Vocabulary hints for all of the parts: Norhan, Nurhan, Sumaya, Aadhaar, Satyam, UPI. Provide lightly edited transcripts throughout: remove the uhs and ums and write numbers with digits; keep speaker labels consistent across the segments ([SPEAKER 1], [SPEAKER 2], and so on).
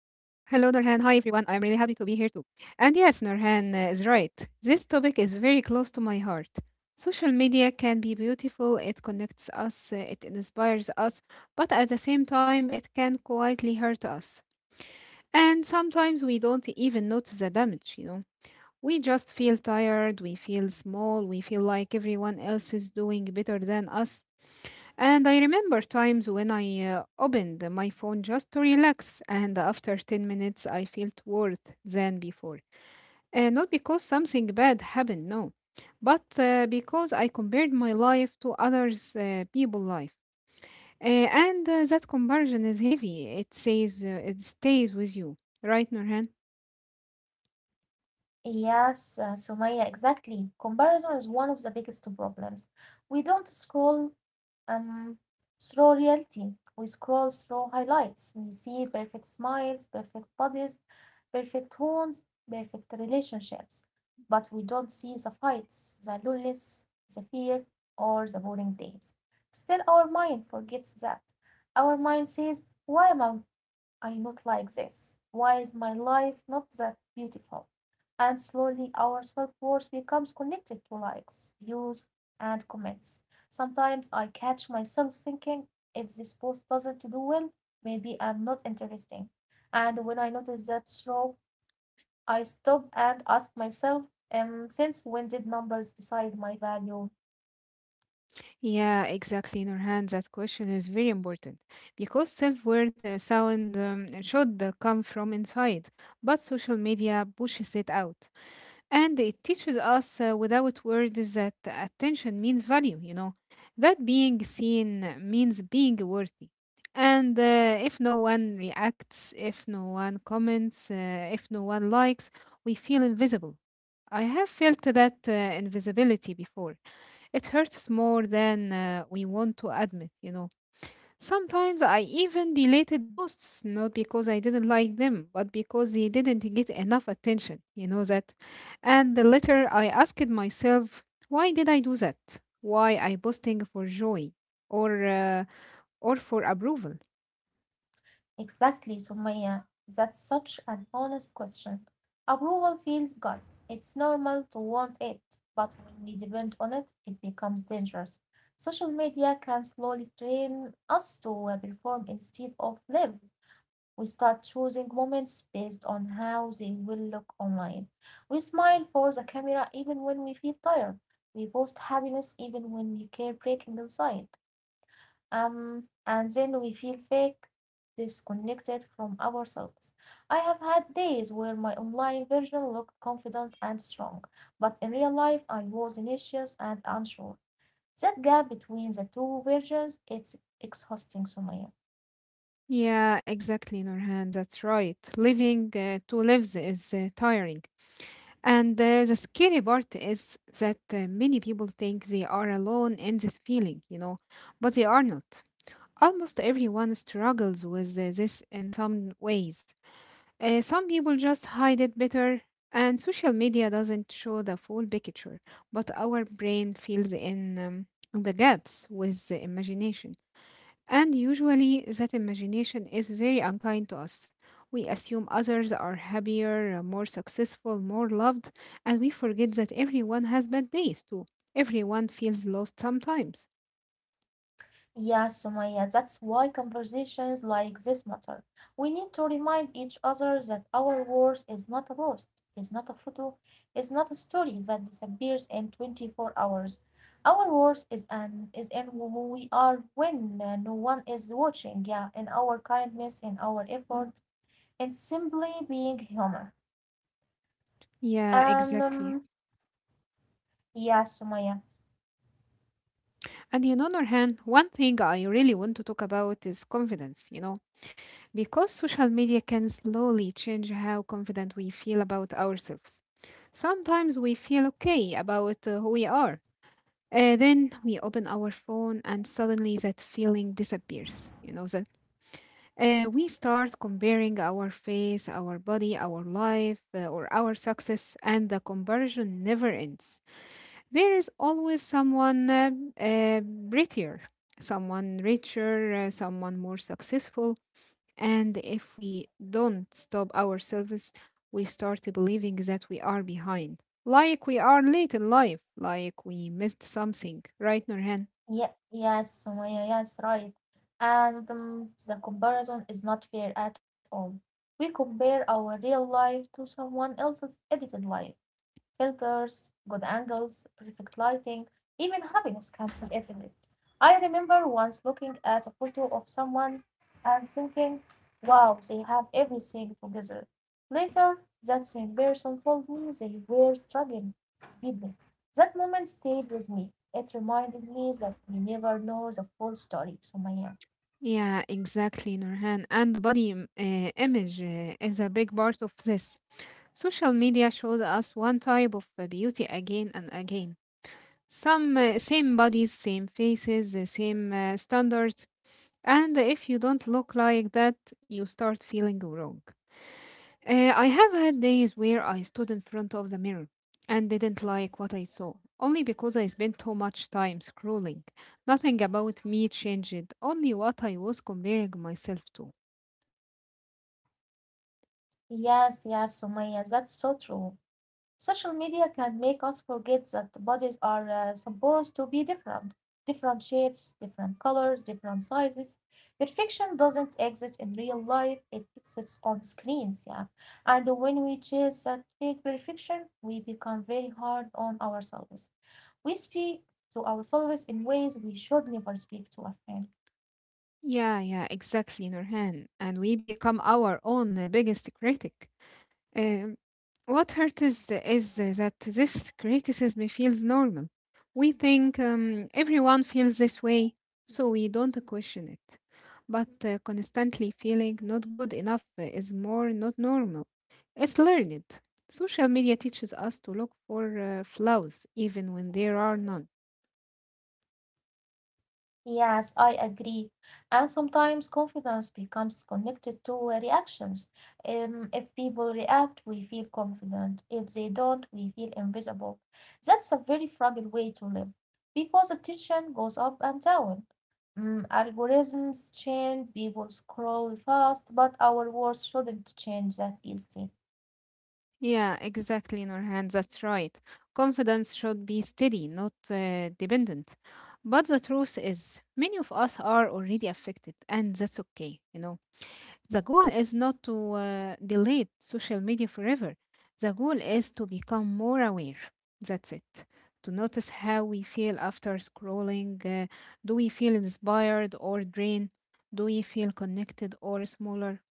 [SPEAKER 1] Hi, everyone. I am really happy to be here too. And yes, Norhan is right. This topic is very close to my heart. Social media can be beautiful, it connects us, it inspires us, but at the same time, it can quietly hurt us. And sometimes we don't even notice the damage, you know. We just feel tired, we feel small, we feel like everyone else is doing better than us. And I remember times when I opened my phone just to relax, and after 10 minutes, I felt worse than before. Not because something bad happened, no, but because I compared my life to others' people's life. And That comparison is heavy. It says it stays with you, right, Nurhan?
[SPEAKER 2] Yes, Sumaya, exactly. Comparison is one of the biggest problems. We don't scroll um, slow reality. We scroll through highlights. We see perfect smiles, perfect bodies, perfect homes, perfect relationships. But we don't see the fights, the loneliness, the fear, or the boring days. Still, our mind forgets that. Our mind says, why am I not like this? Why is my life not that beautiful? And slowly, our self worth becomes connected to likes, views, and comments. Sometimes I catch myself thinking, if this post doesn't do well, maybe I'm not interesting. And when I notice that throw, I stop and ask myself, since when did numbers decide my value?
[SPEAKER 1] Yeah, exactly, Nurhan. That question is very important because self-worth sound should come from inside, but social media pushes it out, and it teaches us without words that attention means value. You know, that being seen means being worthy, and if no one reacts, if no one comments, if no one likes, we feel invisible. I have felt that invisibility before it hurts more than we want to admit, you know. Sometimes I even deleted posts, not because I didn't like them, but because they didn't get enough attention, you know that. And later I asked myself, why did I do that? Why I posting for joy or uh, or for approval?
[SPEAKER 2] Exactly, Sumaya. That's such an honest question. Approval feels good. It's normal to want it, but when we depend on it, it becomes dangerous. Social media can slowly train us to perform instead of live. We start choosing moments based on how they will look online. We smile for the camera even when we feel tired. We post happiness even when we care breaking inside and then we feel fake, disconnected from ourselves. I have had days where my online version looked confident and strong, but in real life I was anxious and unsure. That gap between the two versions, it's exhausting, Sumaya.
[SPEAKER 1] Yeah, exactly, Nurhan. That's right. Living two lives is tiring. And the scary part is that many people think they are alone in this feeling, you know, but they are not. Almost everyone struggles with this in some ways. Some people just hide it better, and social media doesn't show the full picture. But our brain fills in the gaps with the imagination. And usually, that imagination is very unkind to us. We assume others are happier, more successful, more loved, and we forget that everyone has bad days too. Everyone feels lost sometimes.
[SPEAKER 2] Yeah, Sumaya, that's why conversations like this matter. We need to remind each other that our worth is not a post, it's not a photo, it's not a story that disappears in 24 hours. Our worth is an is in who we are when no one is watching. Yeah, in our kindness, in our effort, in simply being human.
[SPEAKER 1] Yeah, exactly.
[SPEAKER 2] Um, yeah, Sumaya.
[SPEAKER 1] And in other hand, one thing I really want to talk about is confidence, you know. Because social media can slowly change how confident we feel about ourselves. Sometimes we feel okay about who we are. Then we open our phone and suddenly that feeling disappears. You know that we start comparing our face, our body, our life, or our success, and the comparison never ends. There is always someone uh, prettier, someone richer, someone more successful, and if we don't stop ourselves, we start believing that we are behind. Like we are late in life, like we missed something, right, Nurhan?
[SPEAKER 2] Yeah, yes, Sumaya, yes, right. And the comparison is not fair at all. We compare our real life to someone else's edited life. Filters, good angles, perfect lighting, even happiness can be edited. I remember once looking at a photo of someone and thinking, wow, they have everything together. Later, that same person told me they were struggling deeply. That moment stayed with me. It reminded me that we never know the full story, Sumaya.
[SPEAKER 1] Yeah, exactly, Nurhan. And the body image is a big part of this. Social media shows us one type of beauty again and again. Some Same bodies, same faces, the same standards. And if you don't look like that, you start feeling wrong. I have had days where I stood in front of the mirror and didn't like what I saw, only because I spent too much time scrolling. Nothing about me changed, only what I was comparing myself to.
[SPEAKER 2] Yes, yes, Sumaya, that's so true. Social media can make us forget that bodies are supposed to be different different shapes, different colors, different sizes. Perfection doesn't exist in real life, it exists on screens, yeah. And when we chase that fake perfection, we become very hard on ourselves. We speak to ourselves in ways we should never speak to a friend.
[SPEAKER 1] Yeah, yeah, exactly, Nurhan. And we become our own biggest critic. Um, What hurt is that this criticism feels normal. We think everyone feels this way, so we don't question it. But constantly feeling not good enough is more not normal. It's learned. Social media teaches us to look for flaws even when there are none.
[SPEAKER 2] Yes, I agree. And sometimes confidence becomes connected to reactions. If people react, we feel confident. If they don't, we feel invisible. That's a very fragile way to live because attention goes up and down. Algorithms change, people scroll fast, but our world shouldn't change that easily.
[SPEAKER 1] Yeah, exactly, Nurhan. That's right. Confidence should be steady, not dependent. But the truth is, many of us are already affected, and that's okay. You know, the goal is not to delete social media forever. The goal is to become more aware. That's it. To notice how we feel after scrolling. Do we feel inspired or drained? Do we feel connected or smaller?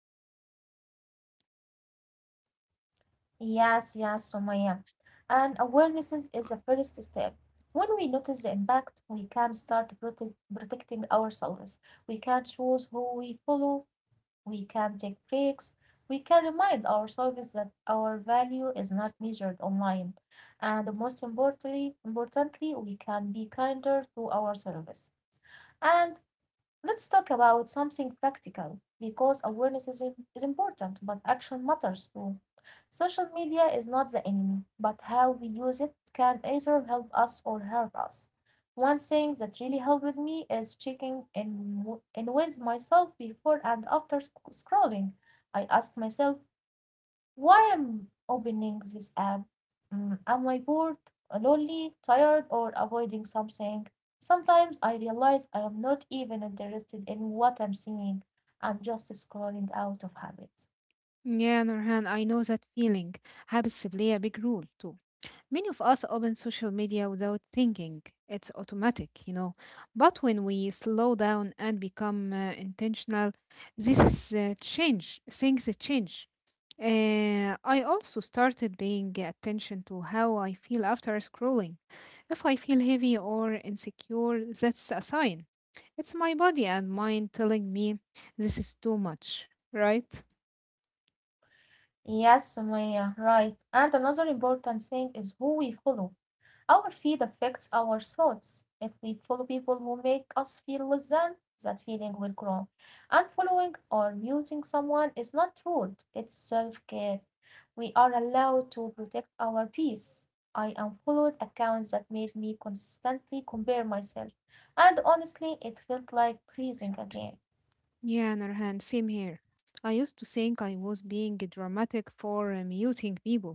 [SPEAKER 2] Yes, yes, Sumaya. And awareness is the first step. When we notice the impact, we can start protecting ourselves. We can choose who we follow. We can take breaks. We can remind ourselves that our value is not measured online. And most importantly, we can be kinder to ourselves. And let's talk about something practical because is important, but action matters too. Social media is not the enemy, but how we use it can either help us or hurt us. One thing that really helped me is checking in with myself before and after scrolling. I ask myself, why am opening this app? Am I bored, lonely, tired, or avoiding something? Sometimes I realize I am not even interested in what I'm seeing. I'm just scrolling out of habit.
[SPEAKER 1] Yeah, Nurhan, I know that feeling. Habits play a big role too. Many of us open social media without thinking. It's automatic, you know. But when we slow down and become intentional, this is change. Things change. I also started paying attention to how I feel after scrolling. If I feel heavy or insecure, that's a sign. It's my body and mind telling me this is too much, right?
[SPEAKER 2] Yes, Sumaya, right. And another important thing is who we follow. Our feed affects our thoughts. If we follow people who make us feel less than, that feeling will grow. Unfollowing or muting someone is not rude, it's self care. We are allowed to protect our peace. I unfollowed accounts that made me constantly compare myself, and honestly, it felt like breathing again.
[SPEAKER 1] Yeah, Nurhan, same here. I used to think I was being dramatic for muting people,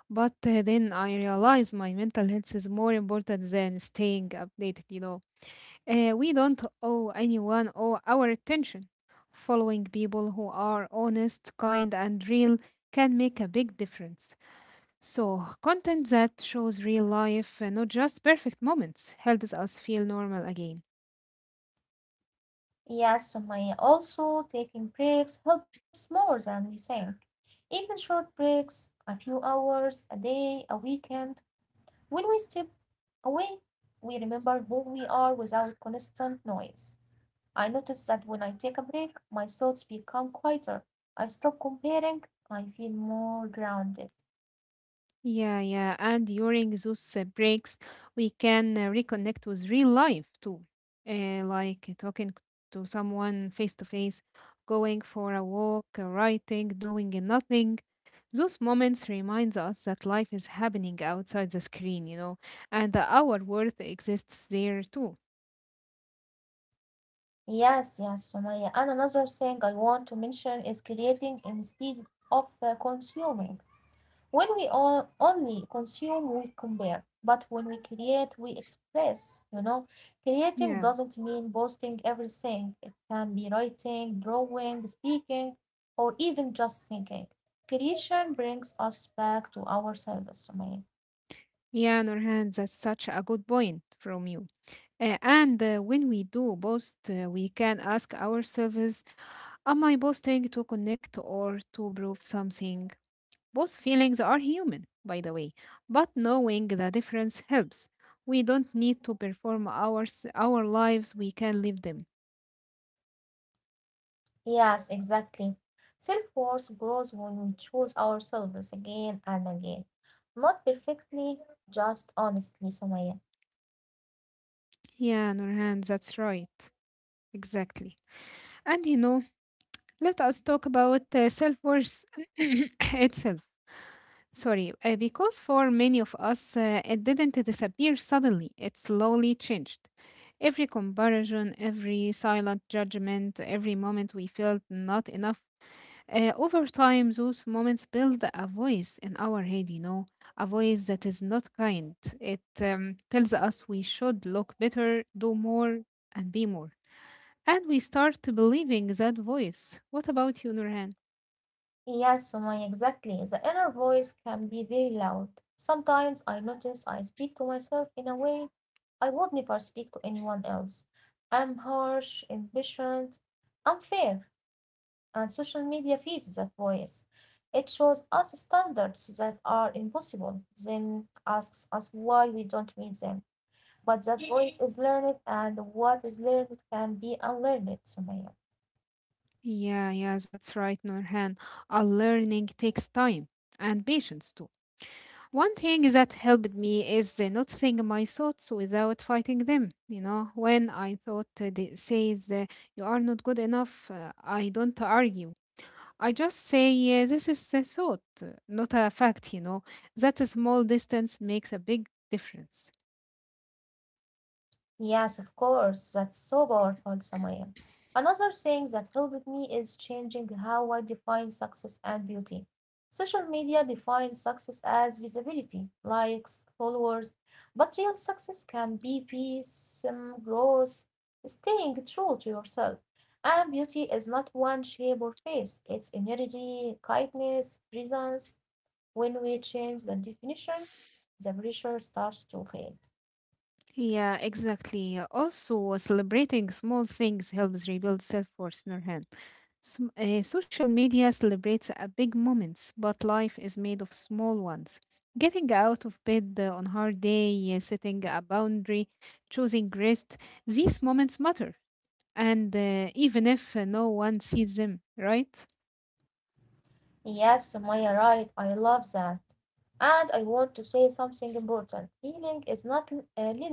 [SPEAKER 1] but then I realized my mental health is more important than staying updated, you know. We don't owe anyone all our attention. Following people who are honest, kind, and real can make a big difference. So, content that shows real life, not just perfect moments, helps us feel normal again.
[SPEAKER 2] Yes, Sumaya, also taking breaks helps more than we think. Even short breaks, a few hours, a day, a weekend, when we step away, we remember who we are without constant noise. I notice that when I take a break, my thoughts become quieter. I stop comparing. I feel more grounded.
[SPEAKER 1] Yeah, yeah. And during those breaks, we can reconnect with real life too. Like talking to someone face to face, going for a walk, writing, doing nothing. Those moments reminds us that life is happening outside the screen, you know, and that our worth exists there too.
[SPEAKER 2] Yes, yes, Sumaya. And another thing I want to mention is creating instead of consuming. When we on only consume, we compare, but when we create, we express, you know. Creating
[SPEAKER 1] Yeah.
[SPEAKER 2] doesn't mean posting everything, it can be writing, drawing, speaking, or even just thinking. Creation brings us back to ourselves, Sumaya.
[SPEAKER 1] Yeah, Nurhan, that's such a good point from you. And when we do both, we can ask ourselves, am I posting to connect or to prove something? Both feelings are human, by the way, but knowing the difference helps. We don't need to perform our lives, we can live them.
[SPEAKER 2] Yes, exactly. Self worth grows when we choose ourselves again and again. Not perfectly, just honestly, Sumaya.
[SPEAKER 1] Yeah, Nurhan, that's right. Exactly. And you know, let us talk about self worth itself. Sorry, because for many of us, it didn't disappear suddenly, it slowly changed. Every comparison, every silent judgment, every moment we felt not enough. Over time, those moments build a voice in our head, you know, a voice that is not kind. It tells us we should look better, do more, and be more. And we start believing that voice. What about you, Nurhan?
[SPEAKER 2] Yes, Sumaya, exactly. The inner voice can be very loud. Sometimes I notice I speak to myself in a way I would never speak to anyone else. I'm harsh, impatient, unfair, and social media feeds that voice. It shows us standards that are impossible, then asks us why we don't meet them. But that voice is learned, and what is learned can be unlearned, Sumaya.
[SPEAKER 1] Yeah, yeah, that's right, Norhan. Our learning takes time and patience too. One thing that helped me is noticing my thoughts without fighting them. You know, when I thought they says you are not good enough, I don't argue. I just say this is a thought, not a fact. You know, that a small distance makes a big difference.
[SPEAKER 2] Yes, of course. That's so powerful, Samaya. Another thing that helped me is changing how I define success and beauty. Social media defines success as visibility, likes, followers, but real success can be peace, growth, staying true to yourself. And beauty is not one shape or face, it's energy, kindness, presence. When we change the definition, the pressure starts to fade.
[SPEAKER 1] Yeah, exactly. Also, celebrating small things helps rebuild self-worth, Nurhan. Social media celebrates big moments, but life is made of small ones. Getting out of bed on hard day, setting a boundary, choosing rest, these moments matter. And even if no one sees them, right?
[SPEAKER 2] Yes, Sumaya, right. I love that. And I want to say something important. Healing is not linear.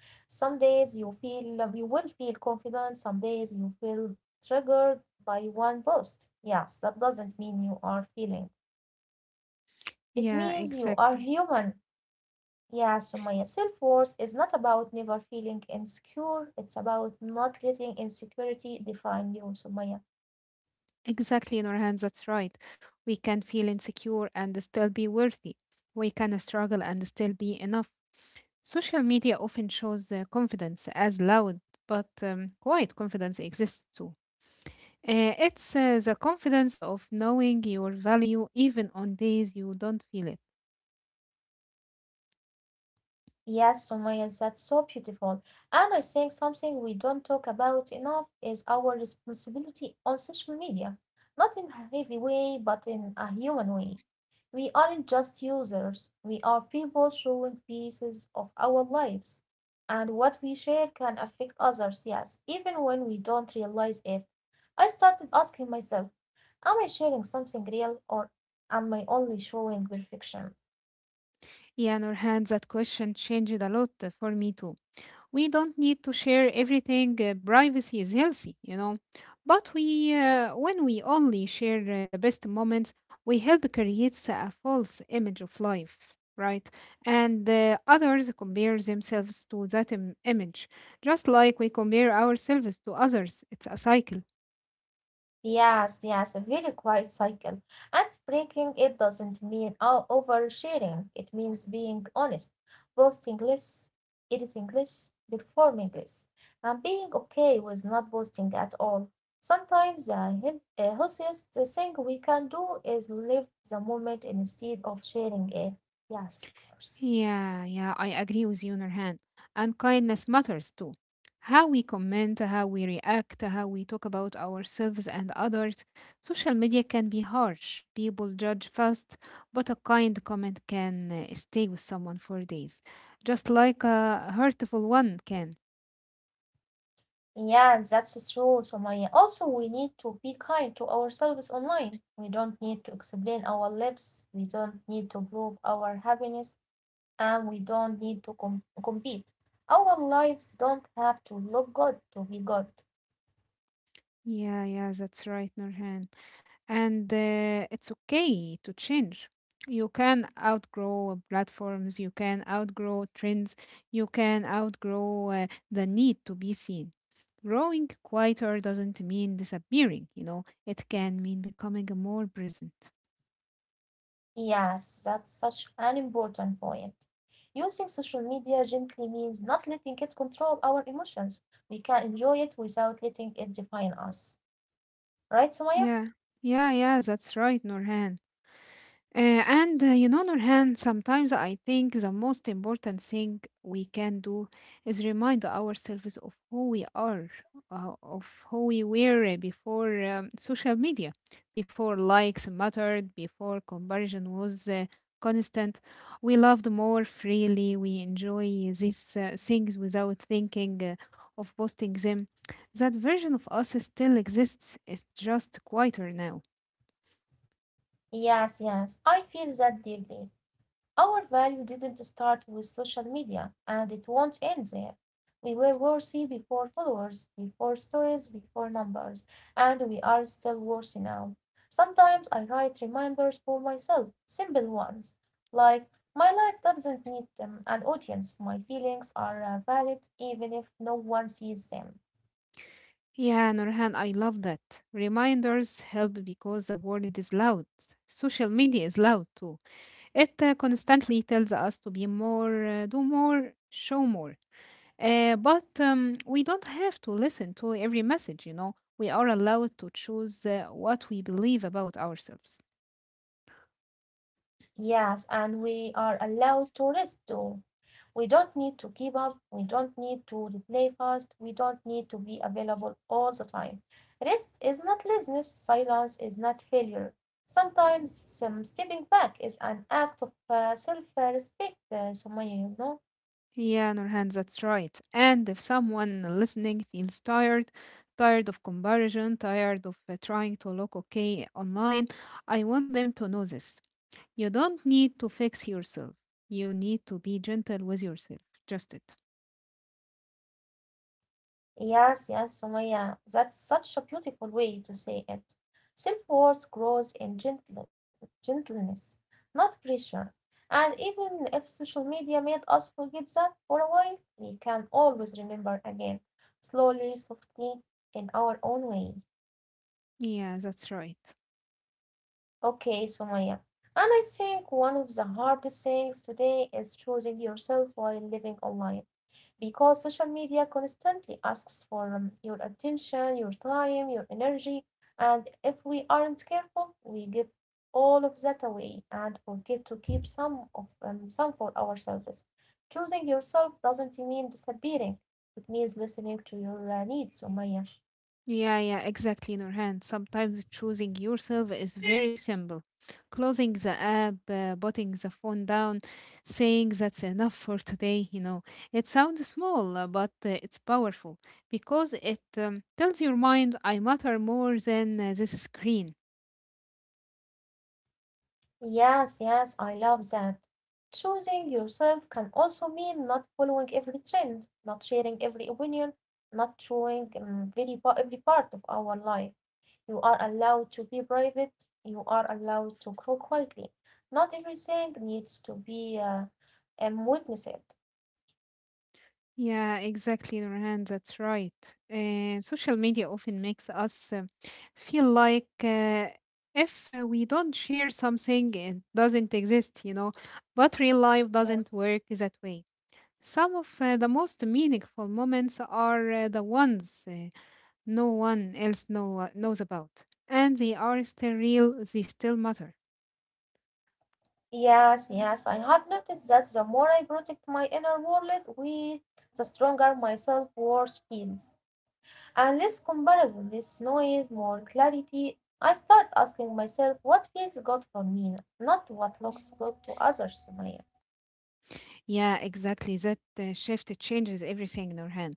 [SPEAKER 2] Some days you feel you will feel confident, some days you feel triggered by one post. Yes, that doesn't mean you are feeling. It
[SPEAKER 1] Yeah,
[SPEAKER 2] means you are
[SPEAKER 1] exactly.
[SPEAKER 2] human. Yes, Sumaya, self-worth is not about never feeling insecure. It's about not letting insecurity define you, Sumaya.
[SPEAKER 1] Exactly in our hands, that's right. We can feel insecure and still be worthy. We can struggle and still be enough. Social media often shows confidence as loud, but quiet confidence exists too. It's the confidence of knowing your value even on days you don't feel it.
[SPEAKER 2] Yes, Sumaya, that's so beautiful. And I think something we don't talk about enough is our responsibility on social media. Not in a heavy way, but in a human way. We aren't just users, we are people showing pieces of our lives. And what we share can affect others, yes, even when we don't realize it. I started asking myself, am I sharing something real or am I only showing perfection?
[SPEAKER 1] Yeah, Nurhan, that question changed a lot for me too. We don't need to share everything. Privacy is healthy, you know. But when we only share the best moments, we help create a false image of life, right? And others compare themselves to that image, just like we compare ourselves to others. It's a cycle.
[SPEAKER 2] Yes, yes, a very quiet cycle. And breaking it doesn't mean oversharing. It means being honest, posting less, editing less, performing less, and being okay with not posting at all. Sometimes the healthiest thing we can do is live the moment instead of sharing it. Yes, of course.
[SPEAKER 1] Yeah, yeah, I agree with you, Nurhan. And kindness matters too. How we comment, how we react, how we talk about ourselves and others. Social media can be harsh. People judge fast, but a kind comment can stay with someone for days, just like a hurtful one can.
[SPEAKER 2] Yeah, that's true, Sumaya. Also, we need to be kind to ourselves online. We don't need to explain our lives, we don't need to prove our happiness, and we don't need to compete. Our lives don't have to look good to be good.
[SPEAKER 1] Yeah, yeah, that's right, Nurhan. And it's okay to change. You can outgrow platforms, you can outgrow trends, you can outgrow the need to be seen. Growing quieter doesn't mean disappearing, you know, it can mean becoming more present.
[SPEAKER 2] Yes, that's such an important point. Using social media gently means not letting it control our emotions. We can enjoy it without letting it define us. Right, Sumaya?
[SPEAKER 1] Yeah, yeah, yeah, that's right, Norhan. And You know, Nurhan, sometimes I think the most important thing we can do is remind ourselves of who we are, of who we were before social media, before likes mattered, before comparison was constant. We loved more freely. We enjoy these things without thinking of posting them. That version of us still exists. It's just quieter now.
[SPEAKER 2] Yes, yes. I feel that deeply. Our value didn't start with social media, and it won't end there. We were worthy before followers, before stories, before numbers, and we are still worthy now. Sometimes I write reminders for myself, simple ones, like my life doesn't need an audience, my feelings are valid even if no one sees them.
[SPEAKER 1] Yeah, Nurhan, I love that. Reminders help because the world is loud. Social media is loud too. It constantly tells us to be more, do more, show more. But we don't have to listen to every message, you know. We are allowed to choose what we believe about ourselves.
[SPEAKER 2] Yes, and we are allowed to rest too. We don't need to keep up. We don't need to replay fast. We don't need to be available all the time. Rest is not laziness. Silence is not failure. Sometimes some stepping back is an act of self respect, Sumaya, you know.
[SPEAKER 1] Yeah, Nurhan, that's right. And if someone listening feels tired, tired of comparison, tired of trying to look okay online, I want them to know this. You don't need to fix yourself. You need to be gentle with yourself. Just it.
[SPEAKER 2] Yes, yes, Sumaya, that's such a beautiful way to say it. Self-worth grows in gentleness, not pressure. And even if social media made us forget that for a while, we can always remember again, slowly, softly, in our own way.
[SPEAKER 1] Yeah, that's right.
[SPEAKER 2] Okay, Sumaya. And I think one of the hardest things today is choosing yourself while living online, because social media constantly asks for your attention, your time, your energy. And if we aren't careful, we give all of that away and forget to keep some for ourselves. Choosing yourself doesn't mean disappearing. It means listening to your needs, Umayya.
[SPEAKER 1] Yeah, yeah, exactly, Nurhan. Sometimes choosing yourself is very simple. Closing the app, putting the phone down, saying that's enough for today, you know. It sounds small, but it's powerful because it tells your mind, I matter more than this screen.
[SPEAKER 2] Yes, yes, I love that. Choosing yourself can also mean not following every trend, not sharing every opinion, not showing every part of our life. You are allowed to be private. You are allowed to grow quietly. Not everything needs to be witnessed.
[SPEAKER 1] Yeah, exactly, Nurhan. That's right. And social media often makes us feel like if we don't share something, it doesn't exist, you know. But real life
[SPEAKER 2] Yes,
[SPEAKER 1] doesn't work that way. Some of the most meaningful moments are the ones no one else knows about. And they are still real, they still matter.
[SPEAKER 2] yes, yes. I have noticed that the more I protect my inner world, we, the stronger my self-worth feels, and less comparable, less noise, more clarity. I start asking myself what feels good for me, not what looks good to others, Maya.
[SPEAKER 1] Yeah, exactly. That shift changes everything, Nurhan.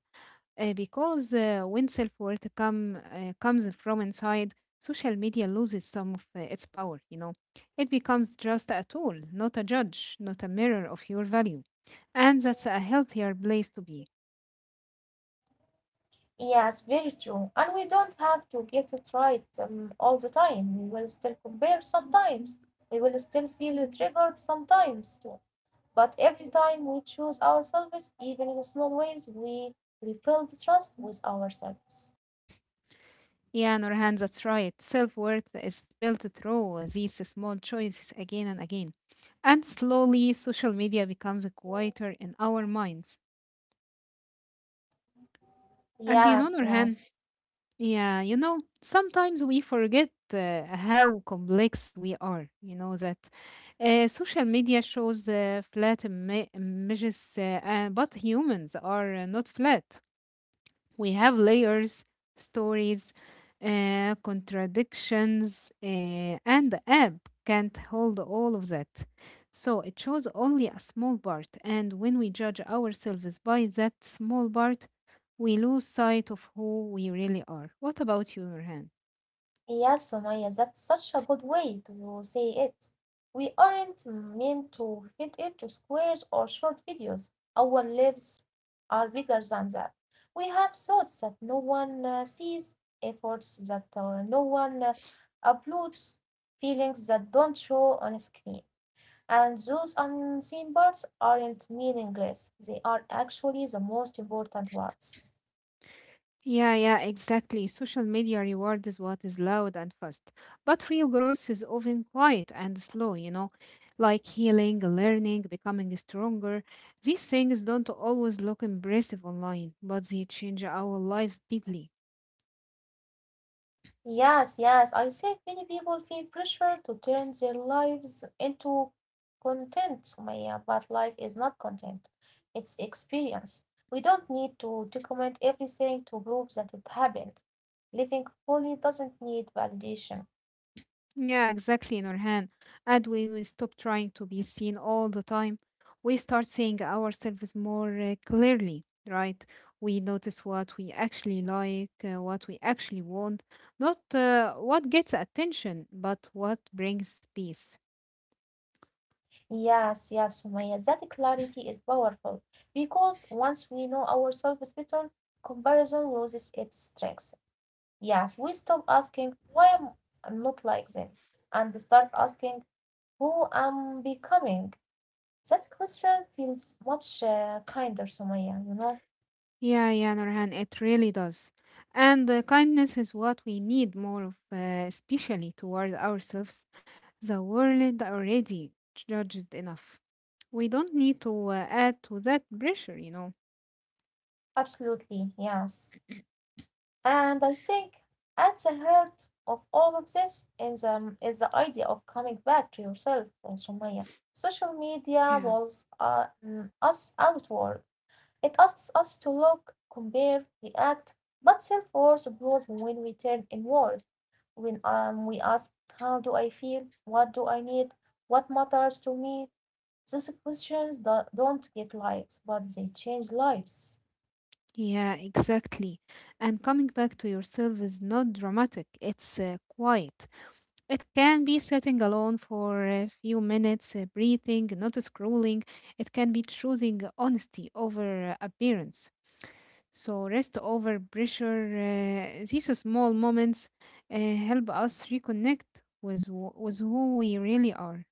[SPEAKER 1] Because when self-worth comes from inside, social media loses some of its power, you know. It becomes just a tool, not a judge, not a mirror of your value, and that's a healthier place to be.
[SPEAKER 2] Yes, very true. And we don't have to get it right all the time. We will still compare sometimes. We will still feel triggered sometimes too. But every time we choose ourselves, even in small ways, we rebuild trust with ourselves.
[SPEAKER 1] Yeah, Nurhan, that's right. Self-worth is built through these small choices again and again, and slowly social media becomes quieter in our minds. And you know,
[SPEAKER 2] Yes,
[SPEAKER 1] Nurhan,
[SPEAKER 2] yes.
[SPEAKER 1] yeah, you know, sometimes we forget how complex we are. You know that social media shows flat images, but humans are not flat. We have layers, stories, contradictions, and the app can't hold all of that. So it shows only a small part, and when we judge ourselves by that small part, we lose sight of who we really are. What about you, hand?
[SPEAKER 2] Yes, Sumaya, that's such a good way to say it. We aren't meant to fit into squares or short videos. Our lives are bigger than that. We have thoughts that no one sees, efforts that no one uploads, feelings that don't show on screen. And those unseen parts aren't meaningless, they are actually the most important parts.
[SPEAKER 1] Yeah, yeah, exactly. Social media rewards what is loud and fast, but real growth is often quiet and slow, you know, like healing, learning, becoming stronger. These things don't always look impressive online, but they change our lives deeply.
[SPEAKER 2] Yes, yes. I think many people feel pressure to turn their lives into content, Sumaya, but life is not content. It's experience. We don't need to document everything to prove that it happened. Living fully doesn't need validation.
[SPEAKER 1] Yeah, exactly, Nurhan. And when we stop trying to be seen all the time, we start seeing ourselves more clearly, right? We notice what we actually like, what we actually want, not what gets attention, but what brings peace.
[SPEAKER 2] Yes, yes, Sumaya. That clarity is powerful because once we know ourselves better, comparison loses its strength. Yes, we stop asking why am I not like them and start asking who am becoming? That question feels much kinder, Sumaya, you know?
[SPEAKER 1] Yeah, yeah, Nurhan, it really does. And kindness is what we need more of, especially toward ourselves. The world already judged enough. We don't need to add to that pressure, you know.
[SPEAKER 2] Absolutely, yes. And I think at the heart of all of this is the idea of coming back to yourself, Sumaya. Social media
[SPEAKER 1] Yeah,
[SPEAKER 2] pulls us outward. It asks us to look, compare, react, but self-worth grows when we turn inward, when we ask, how do I feel? What do I need? What matters to me? Those questions don't get likes, but they change lives.
[SPEAKER 1] yeah, exactly. And coming back to yourself is not dramatic, it's quiet. It can be sitting alone for a few minutes, breathing, not scrolling. It can be choosing honesty over appearance. So, rest over pressure, these small moments help us reconnect with, with who we really are.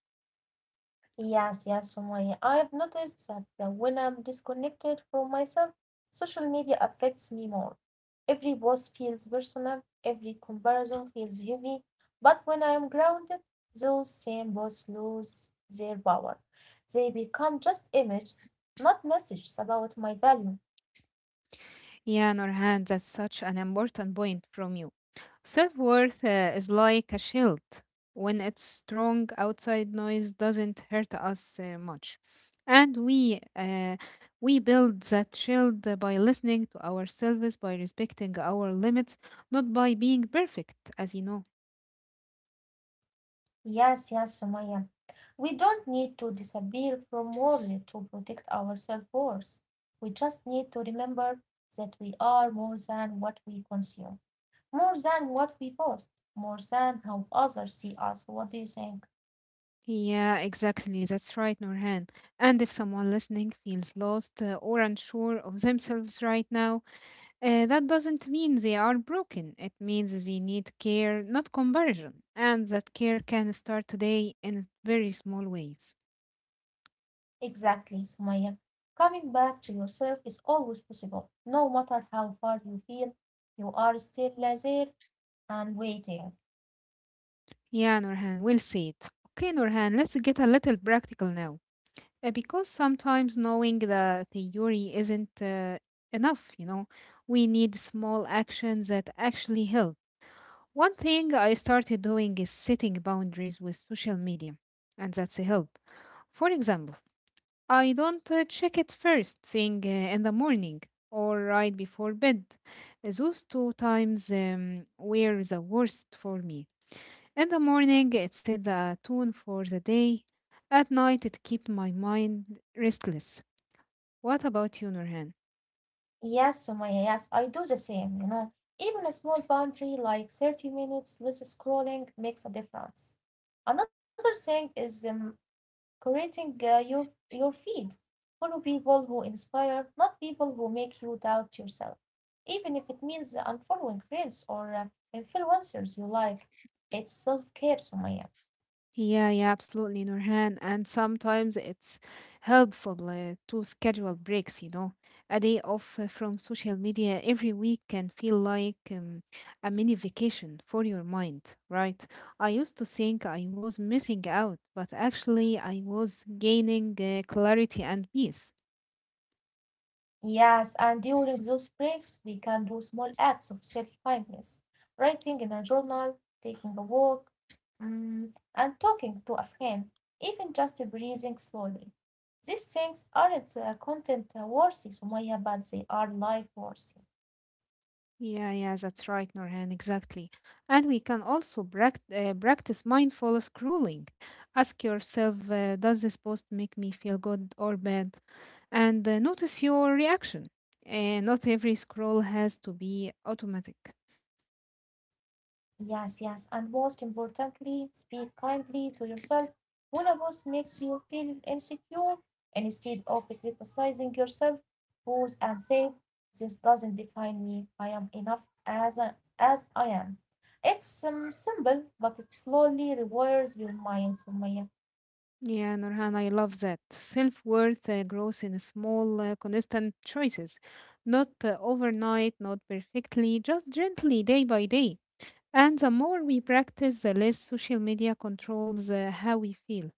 [SPEAKER 2] Yes, yes, Sumaya. I have noticed that when I'm disconnected from myself, social media affects me more. Every post feels personal, every comparison feels heavy. But when I am grounded, those same posts lose their power. They become just images, not messages about my value.
[SPEAKER 1] Yeah, Norhan, that's such an important point from you. Self worth is like a shield. When it's strong, outside noise doesn't hurt us much. And we build that shield by listening to ourselves, by respecting our limits, not by being perfect, as you know.
[SPEAKER 2] Yes, yes, Sumaya. We don't need to disappear from world to protect our self-worth. We just need to remember that we are more than what we consume, more than what we post, more than how others see us. What do you think?
[SPEAKER 1] Yeah, exactly. That's right, Norhan. And if someone listening feels lost or unsure of themselves right now, that doesn't mean they are broken. It means they need care, not comparison. And that care can start today in very small ways.
[SPEAKER 2] Exactly, Sumaya. Coming back to yourself is always possible. No matter how far you feel, you are still there and waiting.
[SPEAKER 1] Yeah, Norhan, we'll see it. Okay, Norhan, let's get a little practical now. Because sometimes knowing the theory isn't enough, you know, we need small actions that actually help. One thing I started doing is setting boundaries with social media, and that's a help. For example, I don't check it first thing in the morning or right before bed. Those two times were the worst for me. In the morning, it set the tone for the day. At night, it kept my mind restless. What about you, Nurhan?
[SPEAKER 2] Yes, Sumaya, yes, I do the same, you know. Even a small boundary like 30 minutes less scrolling makes a difference. Another thing is creating your feed. Follow people who inspire, not people who make you doubt yourself. Even if it means unfollowing friends or influencers you like, it's self-care, Sumaya.
[SPEAKER 1] Yeah, yeah, absolutely, Nurhan. And sometimes it's helpful to schedule breaks, you know. A day off from social media every week can feel like a mini vacation for your mind, right? I used to think I was missing out, but actually, I was gaining clarity and peace.
[SPEAKER 2] Yes, and during those breaks, we can do small acts of self-kindness, writing in a journal, taking a walk, mm, and talking to a friend, even just breathing slowly. These things aren't content worthy, Sumaya, but they are life worthy.
[SPEAKER 1] Yeah, yeah, that's right, Nurhan, exactly. And we can also practice mindful scrolling. Ask yourself, does this post make me feel good or bad, and notice your reaction. And not every scroll has to be automatic.
[SPEAKER 2] Yes, yes. And most importantly, speak kindly to yourself. When a boss makes you feel insecure, instead of criticizing yourself, pause and say, this doesn't define me. I am enough as I am. It's simple, but it slowly rewires your mind, Sumaya.
[SPEAKER 1] Yeah, Nurhan, I love that. Self worth grows in small, consistent choices, not overnight, not perfectly, just gently, day by day. And the more we practice, the less social media controls how we feel.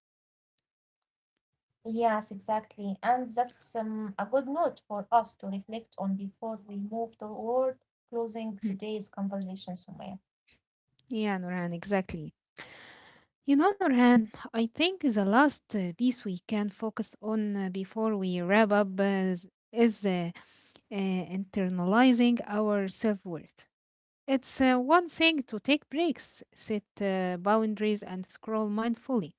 [SPEAKER 2] Yes, exactly. And that's a good note for us to reflect on before we move toward
[SPEAKER 1] Hmm.
[SPEAKER 2] closing today's conversation, Sumaya.
[SPEAKER 1] Yeah, Nurhan, exactly. You know, Nurhan, I think the last piece we can focus on before we wrap up is uh, internalizing our self worth. It's one thing to take breaks, set boundaries, and scroll mindfully.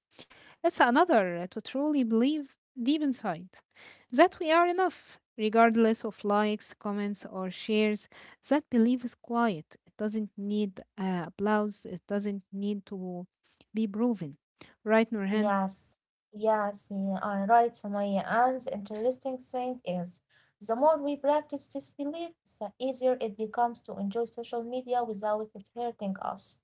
[SPEAKER 1] It's another to truly believe deep inside that we are enough, regardless of likes, comments, or shares. That belief is quiet. It doesn't need applause, it doesn't need to be proven. Right, Nurhan?
[SPEAKER 2] Yes, yes, you are right, Sumaya. And the interesting thing is, the more we practice this belief, the easier it becomes to enjoy social media without it hurting us.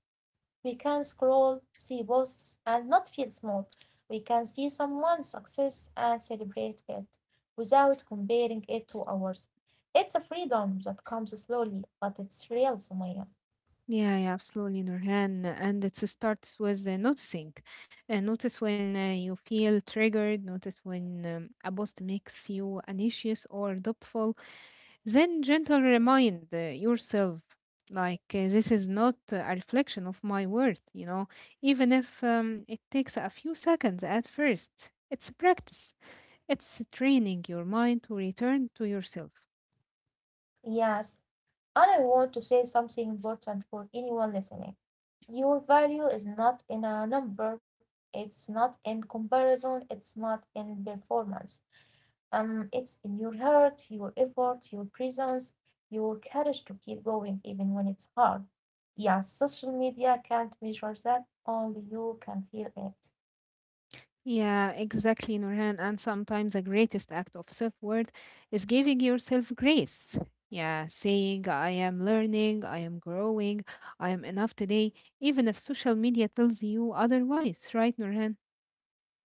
[SPEAKER 2] We can scroll, see posts, and not feel small. We can see someone's success and celebrate it without comparing it to ours. It's a freedom that comes slowly, but it's real, Sumaya.
[SPEAKER 1] Yeah, yeah, absolutely, Nurhan. And it starts with noticing. Notice when you feel triggered, notice when a post makes you anxious or doubtful. Then gentle remind yourself, like, this is not a reflection of my worth, you know, even if it takes a few seconds at first. It's a practice, it's training your mind to return to yourself.
[SPEAKER 2] Yes, and I want to say something important for anyone listening. Your value is not in a number, it's not in comparison, it's not in performance. It's in your heart, your effort, your presence, your courage to keep going even when it's hard. Yes, social media can't measure that, only you can feel it.
[SPEAKER 1] Yeah, exactly, Nurhan. And sometimes the greatest act of self worth is giving yourself grace. Yeah, saying, I am learning, I am growing, I am enough today, even if social media tells you otherwise, right, Nurhan?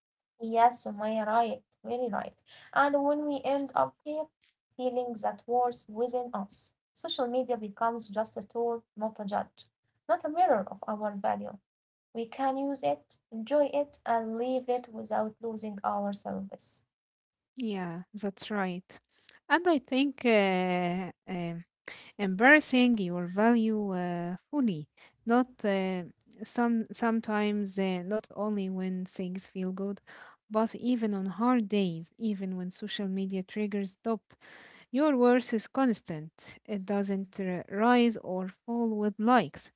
[SPEAKER 2] Yes, Sumaya, right, very right. And when we end up here feeling that war's within us, social media becomes just a tool, not a judge, not a mirror of our value. We can use it, enjoy it, and leave it without losing our service.
[SPEAKER 1] Yeah, that's right. And I think embarrassing your value fully, not some sometimes not only when things feel good, but even on hard days, even when social media triggers stop. Your worth is constant, it doesn't rise or fall with likes,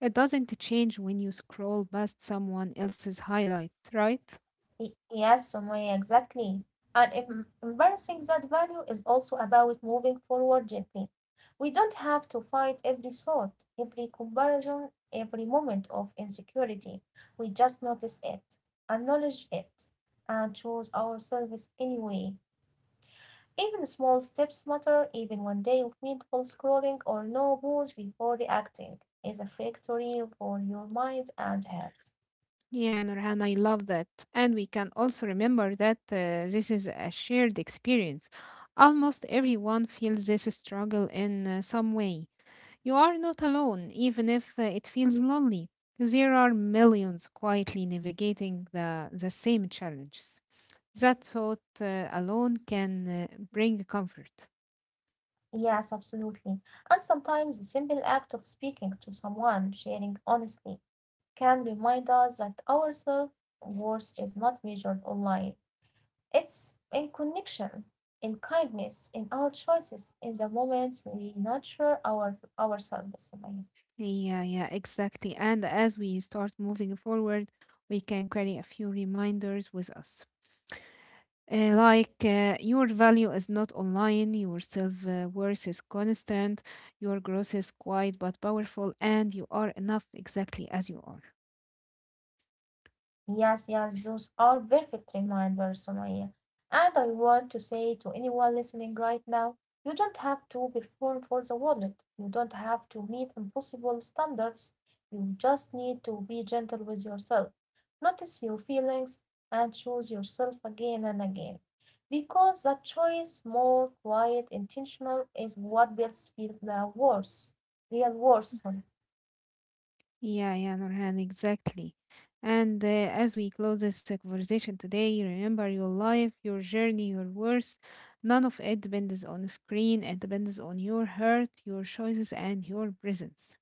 [SPEAKER 1] it doesn't change when you scroll past someone else's highlight, right?
[SPEAKER 2] Yes, Sumaya, exactly. And embracing that value is also about moving forward gently. We don't have to fight every thought, every comparison, every moment of insecurity. We just notice it, acknowledge it, and choose ourselves anyway. Even small steps matter, even one day of mindful scrolling or no pause before reacting is a victory for your mind and heart.
[SPEAKER 1] Yeah, Nurhan, I love that. And we can also remember that this is a shared experience. Almost everyone feels this struggle in some way. You are not alone, even if it feels lonely. There are millions quietly navigating the same challenges. That thought alone can bring comfort.
[SPEAKER 2] Yes, absolutely. And sometimes the simple act of speaking to someone, sharing honestly, can remind us that our self worth is not measured online. It's in connection, in kindness, in our choices, in the moments we nurture ourselves, right?
[SPEAKER 1] Yeah, yeah, exactly. And as we start moving forward, we can carry a few reminders with us. Like your value is not online, your self worth is constant, your growth is quiet but powerful, and you are enough exactly as you are.
[SPEAKER 2] Yes, yes, those are perfect reminders, Sumaya. And I want to say to anyone listening right now, you don't have to perform for the wallet. You don't have to meet impossible standards. You just need to be gentle with yourself. Notice your feelings and choose yourself again and again. Because that choice, more quiet, intentional, is what builds feel the worth, real worth.
[SPEAKER 1] Yeah, yeah, Nurhan, exactly. And as we close this conversation today, remember your life, your journey, your worth. None of it depends on a screen, it depends on your heart, your choices, and your presence.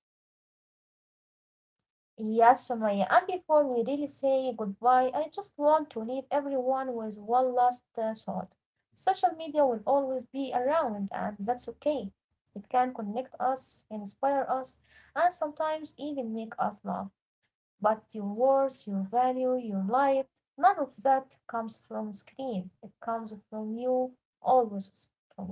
[SPEAKER 2] Yes, Sumaya. And before we really say goodbye, I just want to leave everyone with one last thought. Social media will always be around, and that's okay. It can connect us, inspire us, and sometimes even make us laugh. But your worth, your value, your light, none of that comes from screen. It comes from you, always from you.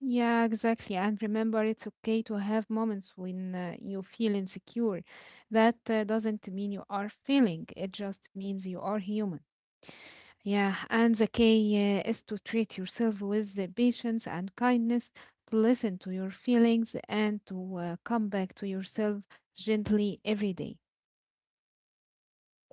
[SPEAKER 1] Yeah, exactly. And remember, it's okay to have moments when you feel insecure. That doesn't mean you are failing, it just means you are human. Yeah, and the key is to treat yourself with the patience and kindness, to listen to your feelings, and to come back to yourself gently every day.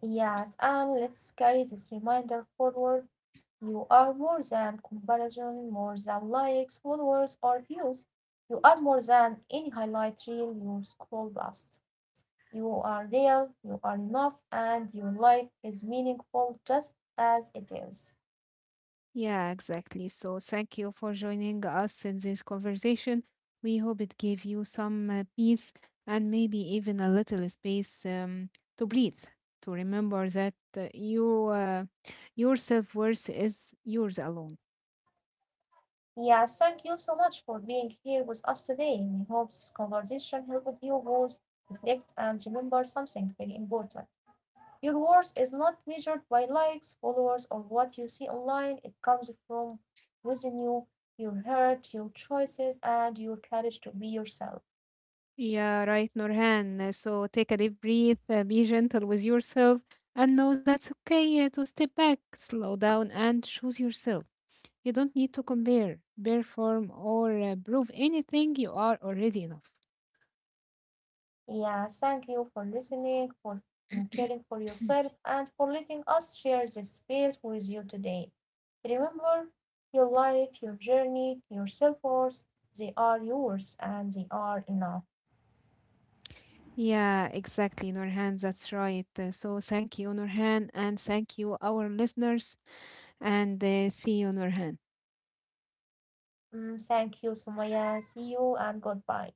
[SPEAKER 2] Yes, and let's carry this reminder forward. You are more than comparison, more than likes, followers, or views. You are more than any highlight reel you scroll past. You are real, you are enough, and your life is meaningful just as it is.
[SPEAKER 1] Yeah, exactly. So thank you for joining us in this conversation. We hope it gave you some peace and maybe even a little space to breathe, to remember that your self-worth is yours alone.
[SPEAKER 2] Yes, thank you so much for being here with us today. We hope this conversation helped you both reflect and remember something very important. Your worth is not measured by likes, followers, or what you see online. It comes from within you, your heart, your choices, and your courage to be yourself.
[SPEAKER 1] Yeah, right, Norhan. So take a deep breath, be gentle with yourself, and know that's okay to step back, slow down, and choose yourself. You don't need to compare, perform, or prove anything. You are already enough.
[SPEAKER 2] Yeah, thank you for listening, for caring for yourself, and for letting us share this space with you today. Remember, your life, your journey, your self worth, they are yours and they are enough.
[SPEAKER 1] Yeah, exactly, Nurhan. That's right. So thank you, Nurhan, and thank you, our listeners, and see you, Nurhan.
[SPEAKER 2] Mm, thank you, Sumaya. See you and goodbye.